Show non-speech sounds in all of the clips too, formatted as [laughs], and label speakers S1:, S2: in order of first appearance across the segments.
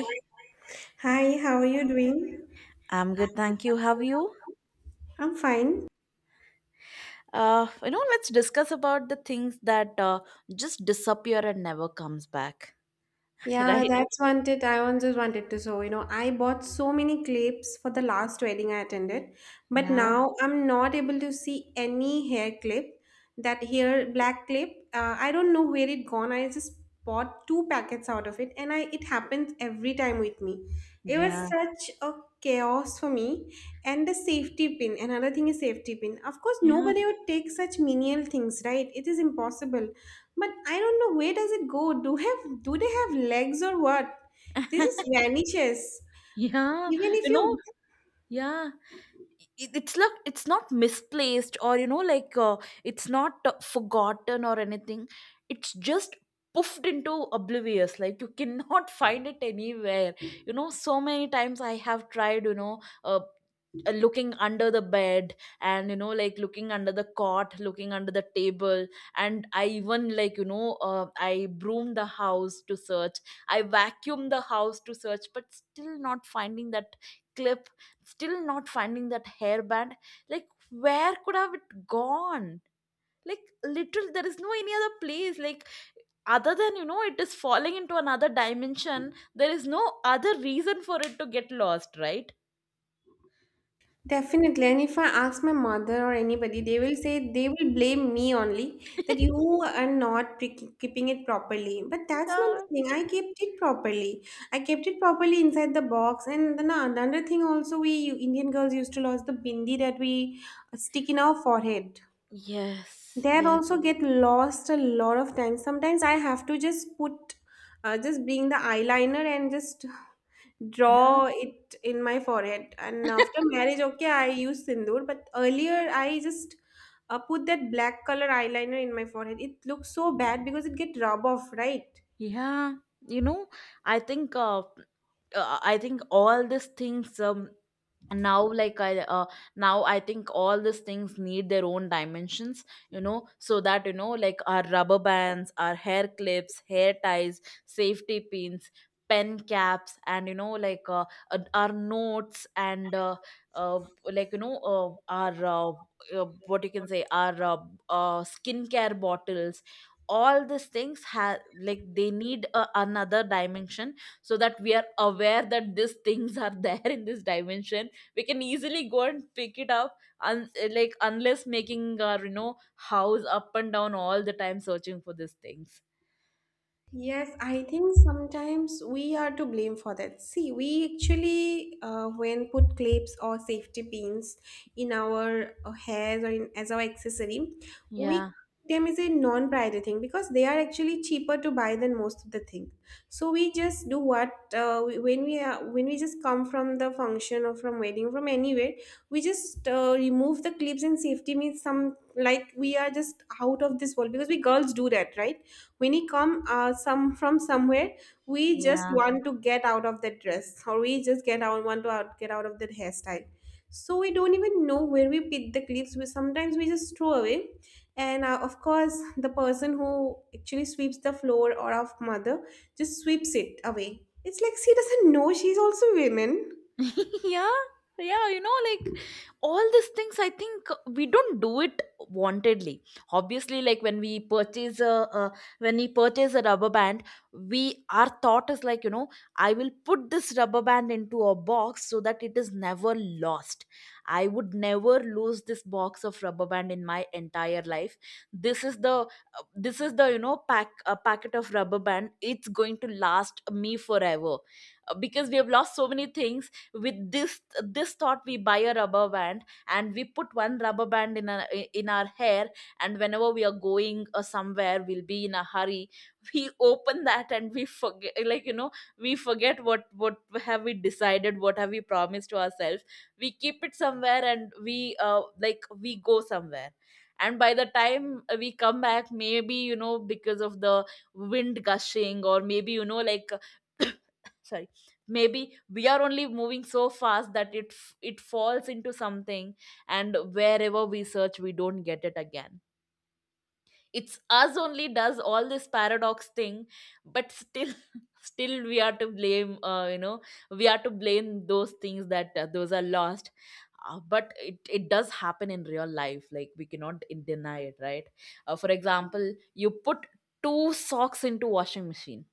S1: Hi. Hi, how are you doing?
S2: I'm
S1: I'm
S2: good,
S1: with
S2: thank you. How are
S1: you. How
S2: you?
S1: are you? I'm fine.
S2: Let's discuss about the things that just disappear and never comes back, [laughs]
S1: Yeah,
S2: right?
S1: that's wanted. I once just wanted to show, I bought so many clips for the last wedding I attended, but
S2: Yeah,
S1: now I'm not able to see any hair clip. That hair black clip, I don't know where it gone. I just bought two packets out of it, and I it happens every time with me. It was
S2: yeah,
S1: such a chaos for me. And the safety pin, another thing is safety pin. Of course,
S2: yeah,
S1: nobody would take such menial things, right? It is impossible. But I don't know, where does it go? Do they have legs or what? They just
S2: [laughs]
S1: vanishes.
S2: yeah.
S1: Even if
S2: You know,
S1: you
S2: yeah. It's like it's not misplaced or you know, like, it's not forgotten or anything, it's just puffed into oblivious, like you cannot [laughs] find it anywhere. You know, so many times I have tried, you know, uh, looking under the bed, and you know, like, looking under the cot, looking under the table. And I even, like, you know, I broom the house to search, I vacuum the house to search, but still not finding that clip, still not finding that hairband. Like, where could have it gone? Like, literally there is no any other place, like, other than, you know, it is falling into another dimension. There is no other reason for it to get lost, right?
S1: definitely, and if I ask my mother or anybody, they will say they will blame me only that you
S2: [laughs]
S1: are not keeping it properly. But that's not the
S2: Yeah.
S1: thing. I kept it properly. I kept it properly inside the box. And then another thing also, we Indian girls used to lose the bindi that we stick in our forehead.
S2: Yes,
S1: That
S2: yes.
S1: also get lost a lot of times. Sometimes I have to just put, just bring the eyeliner and just
S2: Yeah.
S1: draw it in my forehead. And after marriage, okay, I use sindoor, but earlier I just, put that black color eyeliner in my forehead. It looks so bad because it get rub off, right?
S2: Yeah, you know, I think uh, I think all these things and now, like, I now I think all these things need their own dimensions, you know, so that, you know, like, our rubber bands, our hair clips, hair ties, safety pins, pen caps, and you know, like, our notes, and uh, like, you know, our what you can say, our skincare bottles. All these things have, like, they need a, another dimension, so that we are aware that these things are [laughs] there in this dimension. We can easily go and pick it up, un- like, unless making our, you know, house up and down all the time searching for these things.
S1: Yes, I think sometimes we are to blame for that. See, we actually, when put clips or safety pins in our hairs or in, as our accessory, we
S2: Yeah.
S1: them is a non-priority thing because they are actually cheaper to buy than most of the thing. So we just do what, when we are when we just come from the function or from wedding from anywhere, we just, remove the clips and safety means, some like we are just out of this world because we girls do that, right? When it come, some from somewhere, we just
S2: Yeah.
S1: want to get out of that dress or we just get out want to out, get out of that hairstyle. So we don't even know where we pick the clips, we sometimes we just throw away. And of course, the person who actually sweeps the floor or our mother just sweeps it away. It's like she doesn't know, she's also women.
S2: [laughs] Yeah, yeah, you know, like, all these things, I think we don't do it wantedly. Obviously, like, when we purchase a uh, when we purchase a rubber band, we, our thought is like, you know, I will put this rubber band into a box so that it is never lost. I would never lose this box of rubber band in my entire life. This is the this is the, you know, pack, a packet of rubber band, it's going to last me forever. Because we have lost so many things, with this thought we buy a rubber band, and we put one rubber band in our hair. And whenever we are going somewhere, we'll be in a hurry, we open that and we forget, like, you know, we forget what have we decided, what have we promised to ourselves. We keep it somewhere and we like, we go somewhere, and by the time we come back, maybe, you know, because of the wind gushing, or maybe, you know, like, [clears throat] sorry, maybe we are only moving so fast that it falls into something, and wherever we search we don't get it again. It's us only does all this paradox thing, but still [laughs] still we are to blame, we are to blame those things that those are lost. But it does happen in real life, like we cannot in- deny it, right? For example, you put two socks into washing machine,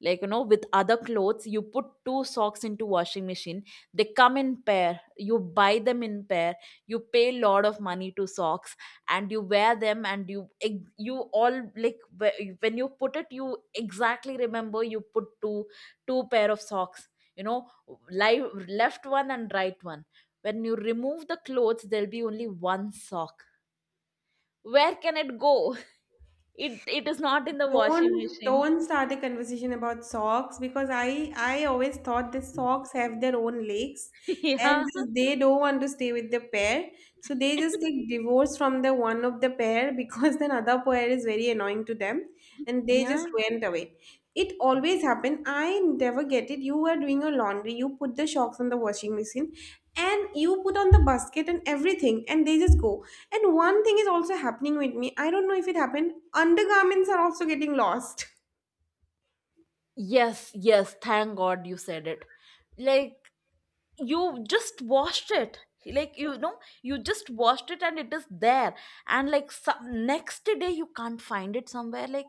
S2: like, you know, with other clothes, you put two socks into washing machine. They come in pair, you buy them in pair, you pay lot of money to socks, and you wear them, and you ex- you all, like, wh- when you put it, you exactly remember you put two, two pair of socks, you know, li- left one and right one. When you remove the clothes, there'll be only one sock. Where can it go? [laughs] It is not in the washing
S1: Don't
S2: machine.
S1: don't start a conversation about socks because I always thought the socks have their own legs
S2: [laughs]
S1: and
S2: Yeah.
S1: just they don't want to stay with the pair. So they just take divorce from the one of the pair [laughs] because the other pair is very annoying to them and they just
S2: Yeah.
S1: went away. It always happen. I never get it. You are doing your laundry, you put the shocks on the washing machine and you put on the basket and everything and they just go. And one thing is also happening with me. I don't know if it happened. Undergarments are also getting lost. [laughs]
S2: Yes, yes, thank god you said it. Like, you just washed it, like, you know, you just washed it and it is there, and like, some, next day you can't find it somewhere. Like,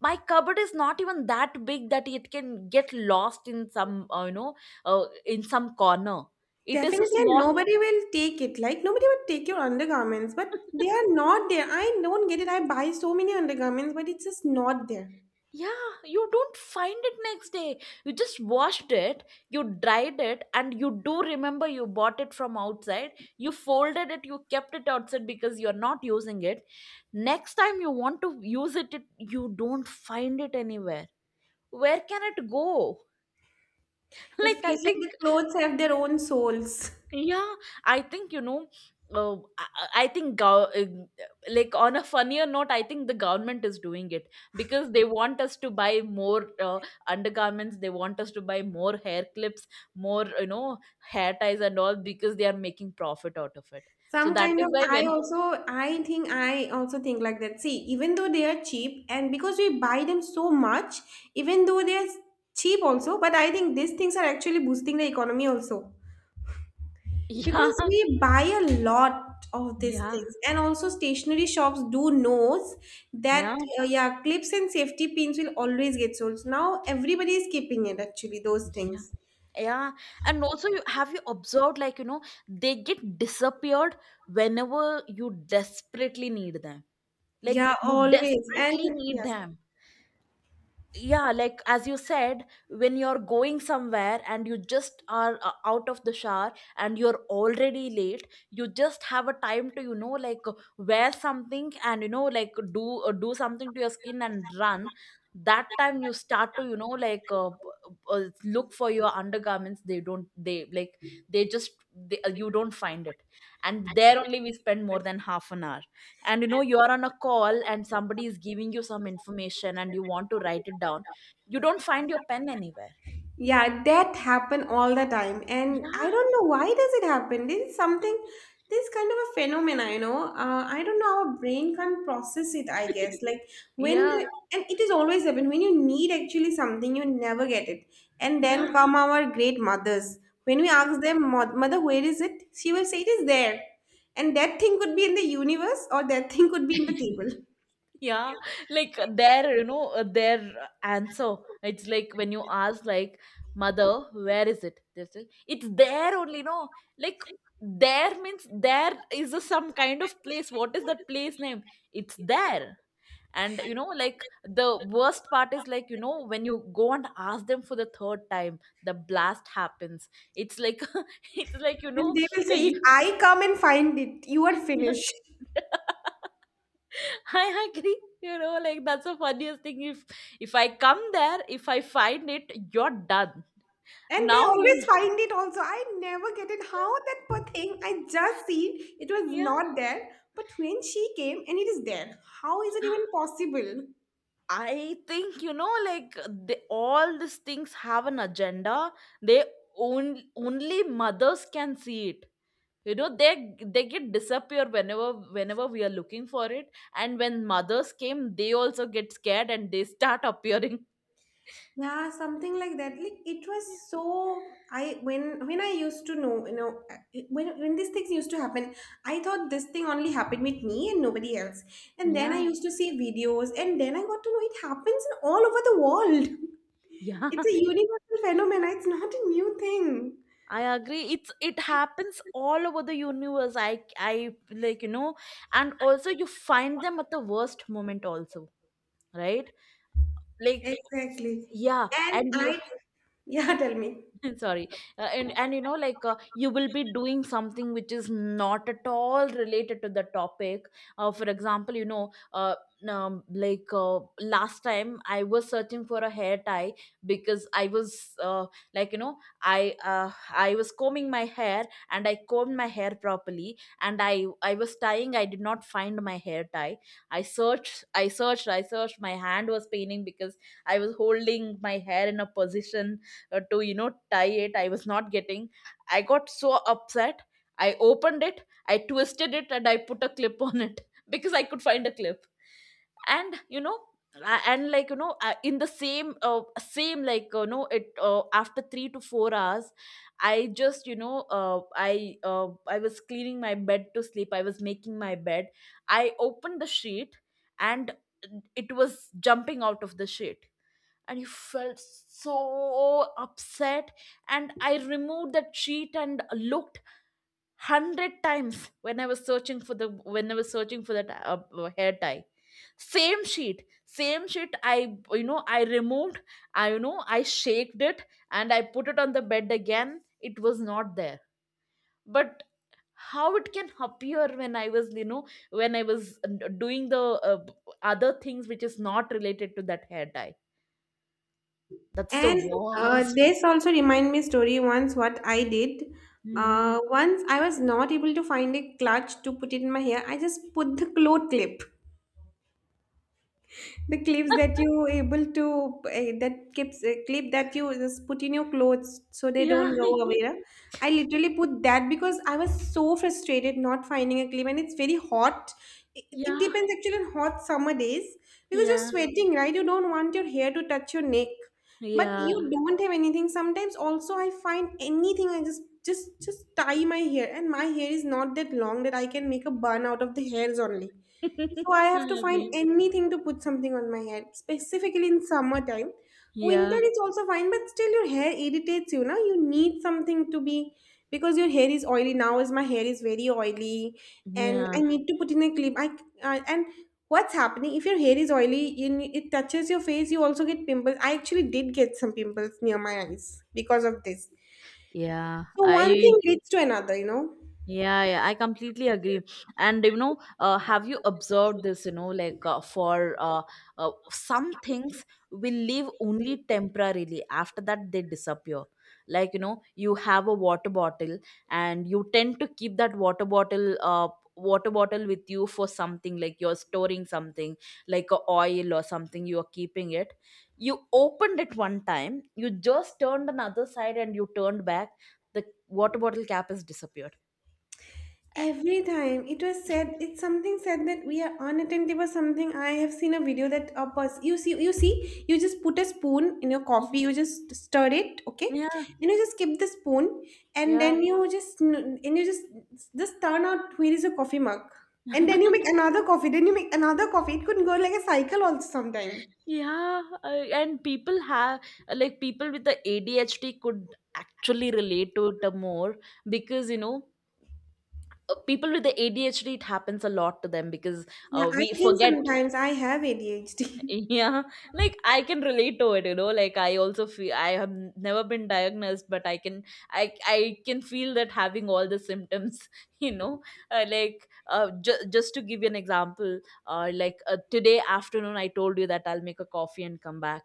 S2: my cupboard is not even that big that it can get lost in some, in some corner. It is a
S1: Definitely, and
S2: small
S1: nobody will take it. Like, nobody would take your undergarments, but they are
S2: [laughs]
S1: not there. I don't get it. I buy so many undergarments, but it's just not there.
S2: yeah, you don't find it next day. You just washed it, you dried it, and you do remember you bought it from outside. You folded it, you kept it outside because you're not using it. Next time you want to use it, it, you don't find it anywhere. Where can it go? [laughs]
S1: It
S2: Like, I
S1: feels like
S2: think,
S1: the clothes have their own souls. [laughs]
S2: yeah, I think you know. I think like, on a funnier note, I think the government is doing it because they want us to buy more undergarments. They want us to buy more hair clips, more, you know, hair ties and all, because they are making profit out of it. So
S1: Some
S2: that
S1: kind
S2: is
S1: of,
S2: why
S1: I
S2: when
S1: also, I think, I also think like that. See, even though they are cheap, and because we buy them so much, even though they are cheap also, but I think these things are actually boosting the economy also.
S2: [laughs]
S1: Because
S2: yeah,
S1: we buy a lot of these
S2: yeah,
S1: things, and also stationery shops do knows
S2: yeah,
S1: that, yeah, clips and safety pins will always get sold. So now everybody is keeping it actually those
S2: yeah,
S1: things.
S2: yeah. And also, you, have you observed, like, you know, they get disappeared whenever you desperately need them, like,
S1: Yeah,
S2: you
S1: always. And
S2: desperately need
S1: yes.
S2: them. Yeah, like, as you said, when you're going somewhere and you just are, out of the shower and you're already late, you just have a time to, you know, like, wear something, and you know, like, do do something to your skin and run. That time you start to, you know, like, look for your undergarments, they don't, they, like, they just they, you don't find it. And there only we spend more than half an hour. And you know, you are on a call and somebody is giving you some information and you want to write it down, you don't find your pen anywhere.
S1: Yeah, that happen all the time, and I
S2: Yeah.
S1: don't know why does it happen. This is something, this kind of a phenomena. I don't know our brain can't process it. I guess like
S2: [laughs]
S1: when
S2: Yeah,
S1: the, and it is always happen when you need actually something, you never get it, and
S2: yeah,
S1: then come our great mothers. When we ask them, "Mother, where is it?" She will say it is there, and that thing could be in the universe or that thing could be in the table.
S2: yeah, like, their, you know, their answer, it's like when you ask, like, mother, where is it, they say, it's there only, no. Like, there means there is a, some kind of place, what is that place name? It's there. And you know, like, the worst part is, like, you know, when you go and ask them for the third time, the blast happens. It's like [laughs] it's like, you
S1: And
S2: know,
S1: they will say, if
S2: you
S1: I come and find it, you are
S2: [laughs]
S1: finished.
S2: I agree. You know, like, that's the funniest thing. If I come there, if I find it, you're done.
S1: And they
S2: Now you,
S1: always find it also. I never get it. How that poor thing I just seen, it was
S2: yeah.
S1: not there. But when she came and it is there, how is it even possible?
S2: I think, you know, like, the, all these things have an agenda. They, only mothers can see it. You know, they get disappear whenever, whenever we are looking for it, and when mothers came they also get scared and they start [laughs] appearing.
S1: Yeah, something like that. Like it was so I when I used to know, when these things used to happen, I thought this thing only happened with me and nobody else. And then I
S2: Yeah.
S1: used to see videos, and then I got to know it happens in all over the world.
S2: Yeah.
S1: It's a
S2: [laughs]
S1: universal phenomenon. It's not a new thing.
S2: I agree, it's, it happens all over the universe. I like, you know, and also you find them at the worst moment also, right? Like,
S1: Exactly.
S2: yeah,
S1: And
S2: and you
S1: I, [laughs] yeah, tell me.
S2: [laughs] sorry, and you know, like, you will be doing something which is not at all related to the topic. For example, you know, like, last time I was searching for a hair tie because I was uh, like, you know, i uh, I was combing my hair, and I combed my hair properly, and I was tying, I did not find my hair tie. I searched, my hand was paining because I was holding my hair in a position to, you know, tie it, I was not getting. I got so upset, I opened it, I twisted it, and I put a clip on it [laughs] because I could find a clip. And you know, a- and like, you know, in the same, like, you know, it, after 3 to 4 hours, I just, you know, I was cleaning my bed to sleep, I was making my bed, I opened the sheet, and it was jumping out of the sheet. And you felt so upset, and I removed that sheet and looked 100 times when I was searching for the, when I was searching for that hair tie. Same sheet, I, you know, I removed, I, you know, I shaked it, and I put it on the bed again, it was not there. But how it can appear when I was, you know, when I was doing the uh, other things which is not related to that hair tie. That's the
S1: And,
S2: worst.
S1: this also remind me story once what I did.
S2: Mhm.
S1: Once I was not able to find a clutch to put it in my hair. I just put the cloth clip, the clips that
S2: [laughs]
S1: you able to, clip that you just put in your clothes so they don't
S2: Yeah,
S1: go away, huh? I literally put that because I was so frustrated not finding a clip, and it's very hot. It
S2: yeah,
S1: depends actually on hot summer days because you're
S2: yeah,
S1: sweating, right? You don't want your hair to touch your neck, but you
S2: yeah.
S1: don't have anything. Sometimes also I find anything, I just tie my hair, and my hair is not that long that I can make a bun out of the hairs only. So I
S2: [laughs] I
S1: have to find
S2: agree.
S1: anything to put something on my head, specifically in summertime. Winter
S2: Yeah,
S1: is also fine, but still your hair irritates you. Now you need something to be because your hair is oily. Now is my hair is very oily, and
S2: yeah,
S1: I need to put in a clip. I and what's happening, if your hair is oily, it touches your face. You also get pimples. I actually did get some pimples near my eyes because of this.
S2: yeah. [laughs]
S1: So one
S2: I,
S1: thing leads to another.
S2: yeah, yeah, I completely agree. And you know, have you observed this? You know, like, for some things will live only temporarily. After that, they disappear. Like, you know, you have a water bottle, and you tend to keep that water bottle, water bottle with you for something. Like, you're storing something, like a oil or something. You are keeping it. You opened it one time. You just turned another side, and you turned back. The water bottle cap has disappeared.
S1: Every time it was said, it's something said that we are unattentive or something. I have seen a video that a person, you see, you just put a spoon in your coffee,
S2: Yeah.
S1: you just stir it, okay. Then you just keep the spoon, and
S2: Yeah.
S1: then you just just turn out, where is your coffee mug, and then you make
S2: [laughs]
S1: another coffee, then you make another coffee. It could go like a cycle also sometime.
S2: Yeah, and people have like people with the ADHD could actually relate to it, more because people with the ADHD, it happens a lot to them because
S1: Yeah,
S2: we
S1: I think
S2: forget.
S1: sometimes I have
S2: [laughs]
S1: ADHD. [laughs]
S2: Yeah, like I can relate to it, you know. Like I also feel I have never been diagnosed, but I can feel that having all the symptoms, [laughs] you know. Just to give you an example, today afternoon I told you that I'll make a coffee and come back.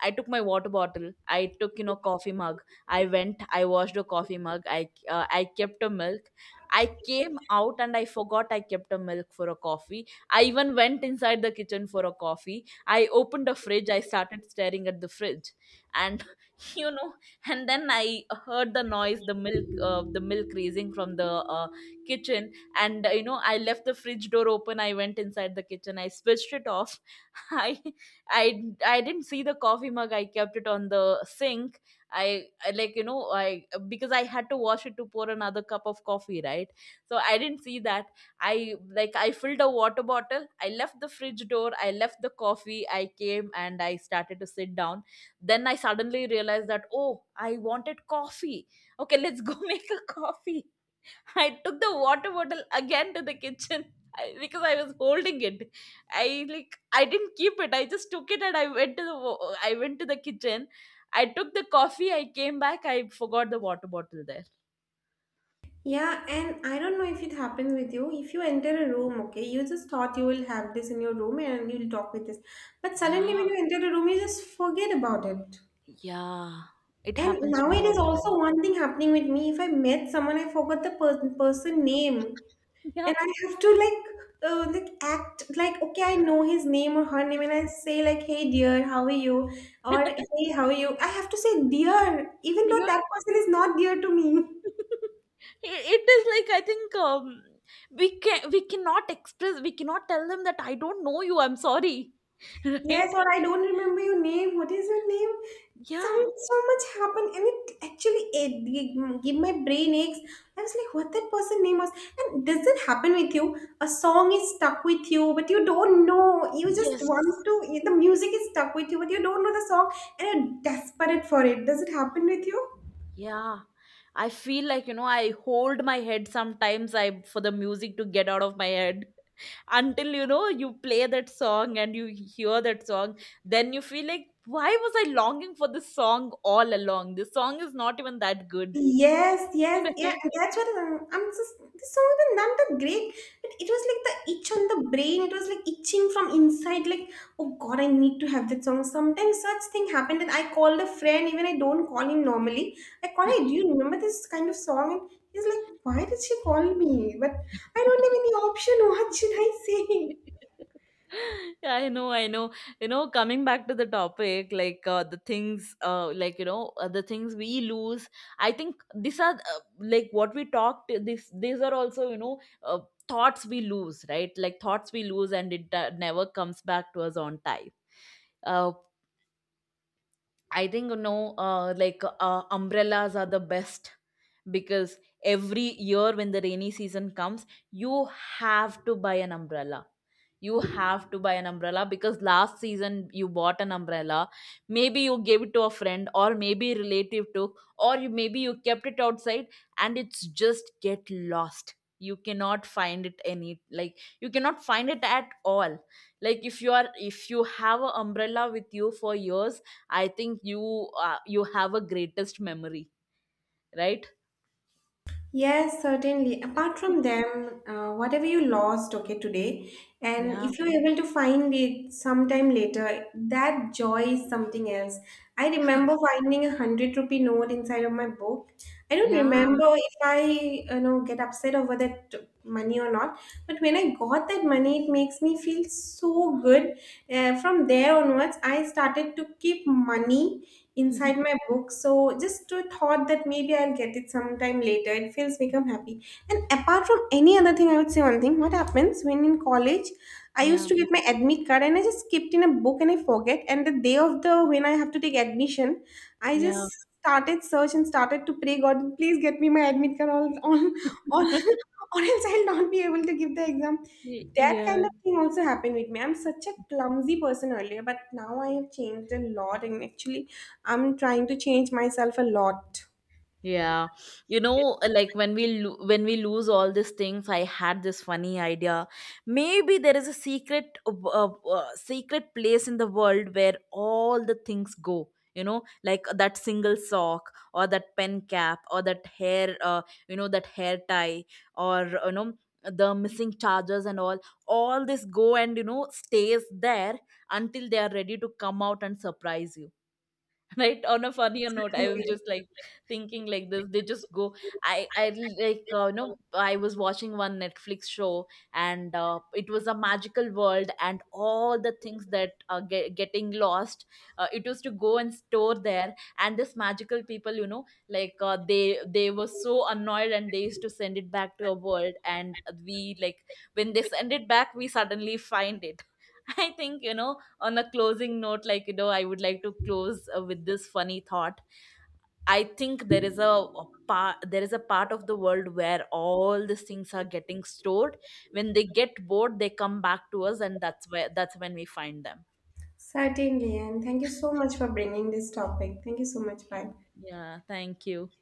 S2: I took my water bottle. I took, you know, coffee mug. I went. I washed a coffee mug. I kept a milk. I came out and I forgot I kept a milk for a coffee. I even went inside the kitchen for a coffee. I opened a fridge, I started staring at the fridge, and [laughs] you know, and then I heard the noise, the milk raising from the kitchen, and you know, I left the fridge door open. I went inside the kitchen, I switched it off, [laughs] I I didn't see the coffee mug. I kept it on the sink. I like you know I because I had to wash it to pour another cup of coffee, right? So I didn't see that. I filled a water bottle. I left the fridge door. I left the coffee. I came and I started to sit down. Then I suddenly realized that, oh, I wanted coffee. Okay, let's go [laughs] make a coffee. I took the water bottle again to the kitchen. [laughs] I, because I was holding it. I didn't keep it. I just took it and I went to the I went to the kitchen. I took the coffee. I came back. I forgot the water bottle there.
S1: Yeah, and I don't know if it happens with you. If you enter a room, okay, you just thought you will have this in your room and you'll talk with this. But suddenly,
S2: Yeah,
S1: when you enter a room, you just forget about it.
S2: yeah. It
S1: And
S2: happens to
S1: now
S2: me
S1: it
S2: all
S1: is
S2: the time.
S1: also one thing happening with me. If I met someone, I forgot the person name,
S2: Yeah,
S1: and I have to, like, act like, okay, I know his name or her name, and I say like, "Hey, dear, how are you?" or
S2: [laughs]
S1: "Hey, how are you?" I have to say "dear," even though
S2: yeah.
S1: that person is not dear to me.
S2: [laughs] It is like, I think, we cannot express, we cannot tell them that I don't know you. I'm sorry, [laughs]
S1: Yes,
S2: right?
S1: or I don't remember your name. What is your name? Some
S2: Yeah.
S1: so much happened, and it actually it gave my brain aches. I was like, what that person name was. And does it happen with you? A song is stuck with you, but you don't know. You just
S2: Yes.
S1: want to. The music is stuck with you, but you don't know the song, and you're desperate for it. Does it happen with you?
S2: Yeah, I feel like, you know, I hold my head sometimes. I, for the music to get out of my head, until, you know, you play that song and you hear that song, then you feel like, why was I longing for this song all along? This song is not even that good,
S1: Yes,
S2: [laughs]
S1: yes, yeah.
S2: right?
S1: That's what I'm just. This song even not that great, but it was like the itch on the brain. It was like itching from inside. Like, oh God, I need to have that song. Sometimes such thing happened, and I called a friend. Even I don't call him normally. I call, hey, do you remember this kind of song? And he's like, why did she call me? But I don't have any option. What should I say?
S2: Yeah, I know, I know. You know, coming back to the topic, the things, the things we lose. I think these are, like what we talked. This These are also, you know, thoughts we lose, right? Like thoughts we lose, and it never comes back to us on time. Uh, I think, you know, umbrellas are the best because every year when the rainy season comes, you have to buy an umbrella. You have to buy an umbrella because last season you bought an umbrella. Maybe you gave it to a friend or maybe relative to, or you, maybe you kept it outside and it's just get lost. You cannot find it any, like, you cannot find it at all. Like if you are, if you have an umbrella with you for years, I think you, you have a greatest memory, right?
S1: Yes, certainly. Apart from them, whatever you lost, okay, today, and
S2: Yeah.
S1: if you're able to find it sometime later, that joy is something else. I remember finding 100 rupee note inside of my book. I don't
S2: Yeah.
S1: remember if I get upset over that money or not, but when I got that money, it makes me feel so good. From there onwards, I started to keep money inside my
S2: [laughs]
S1: book, so just to thought that maybe I'll get it sometime later, it feels become happy. And apart from any other thing, I would say one thing, what happens when in college I used
S2: Yeah.
S1: to get my admit card and I just skipped in a book and I forget, and the day of the when I have to take admission, I
S2: Yeah.
S1: just started search and started to pray, God, please get me my admit card all on or,
S2: [laughs]
S1: [laughs] or else I'll not be able to give the exam. That
S2: Yeah.
S1: kind of thing also happened with me. I'm such a clumsy person earlier, but now I have changed a lot, and actually I'm trying to change myself a lot.
S2: Yeah, you know, like when we when we lose all these things, I had this funny idea. Maybe there is a secret, secret place in the world where all the things go. You know, like that single sock, or that pen cap, or that hair, you know, that hair tie, or you know, the missing chargers and all. All this go and, you know, stays there until they are ready to come out and surprise you. [laughs] Right, on a funnier note, I was just like thinking like this, they just go. I like, you know, I was watching one Netflix show, and it was a magical world, and all the things that are getting lost, it was to go and store there, and this magical people, you know, like, they were so annoyed and they used to send it back to a world, and we like when they send it back, we suddenly find it. [laughs] I think, you know, on a closing note, like, you know, I would like to close, with this funny thought. I think there is a part there is a part of the world where all these things are getting stored. When they get bored, they come back to us, and that's where, that's when we find them.
S1: Certainly, and thank you so much for bringing this topic. Thank you so much. Bye.
S2: Yeah, thank you.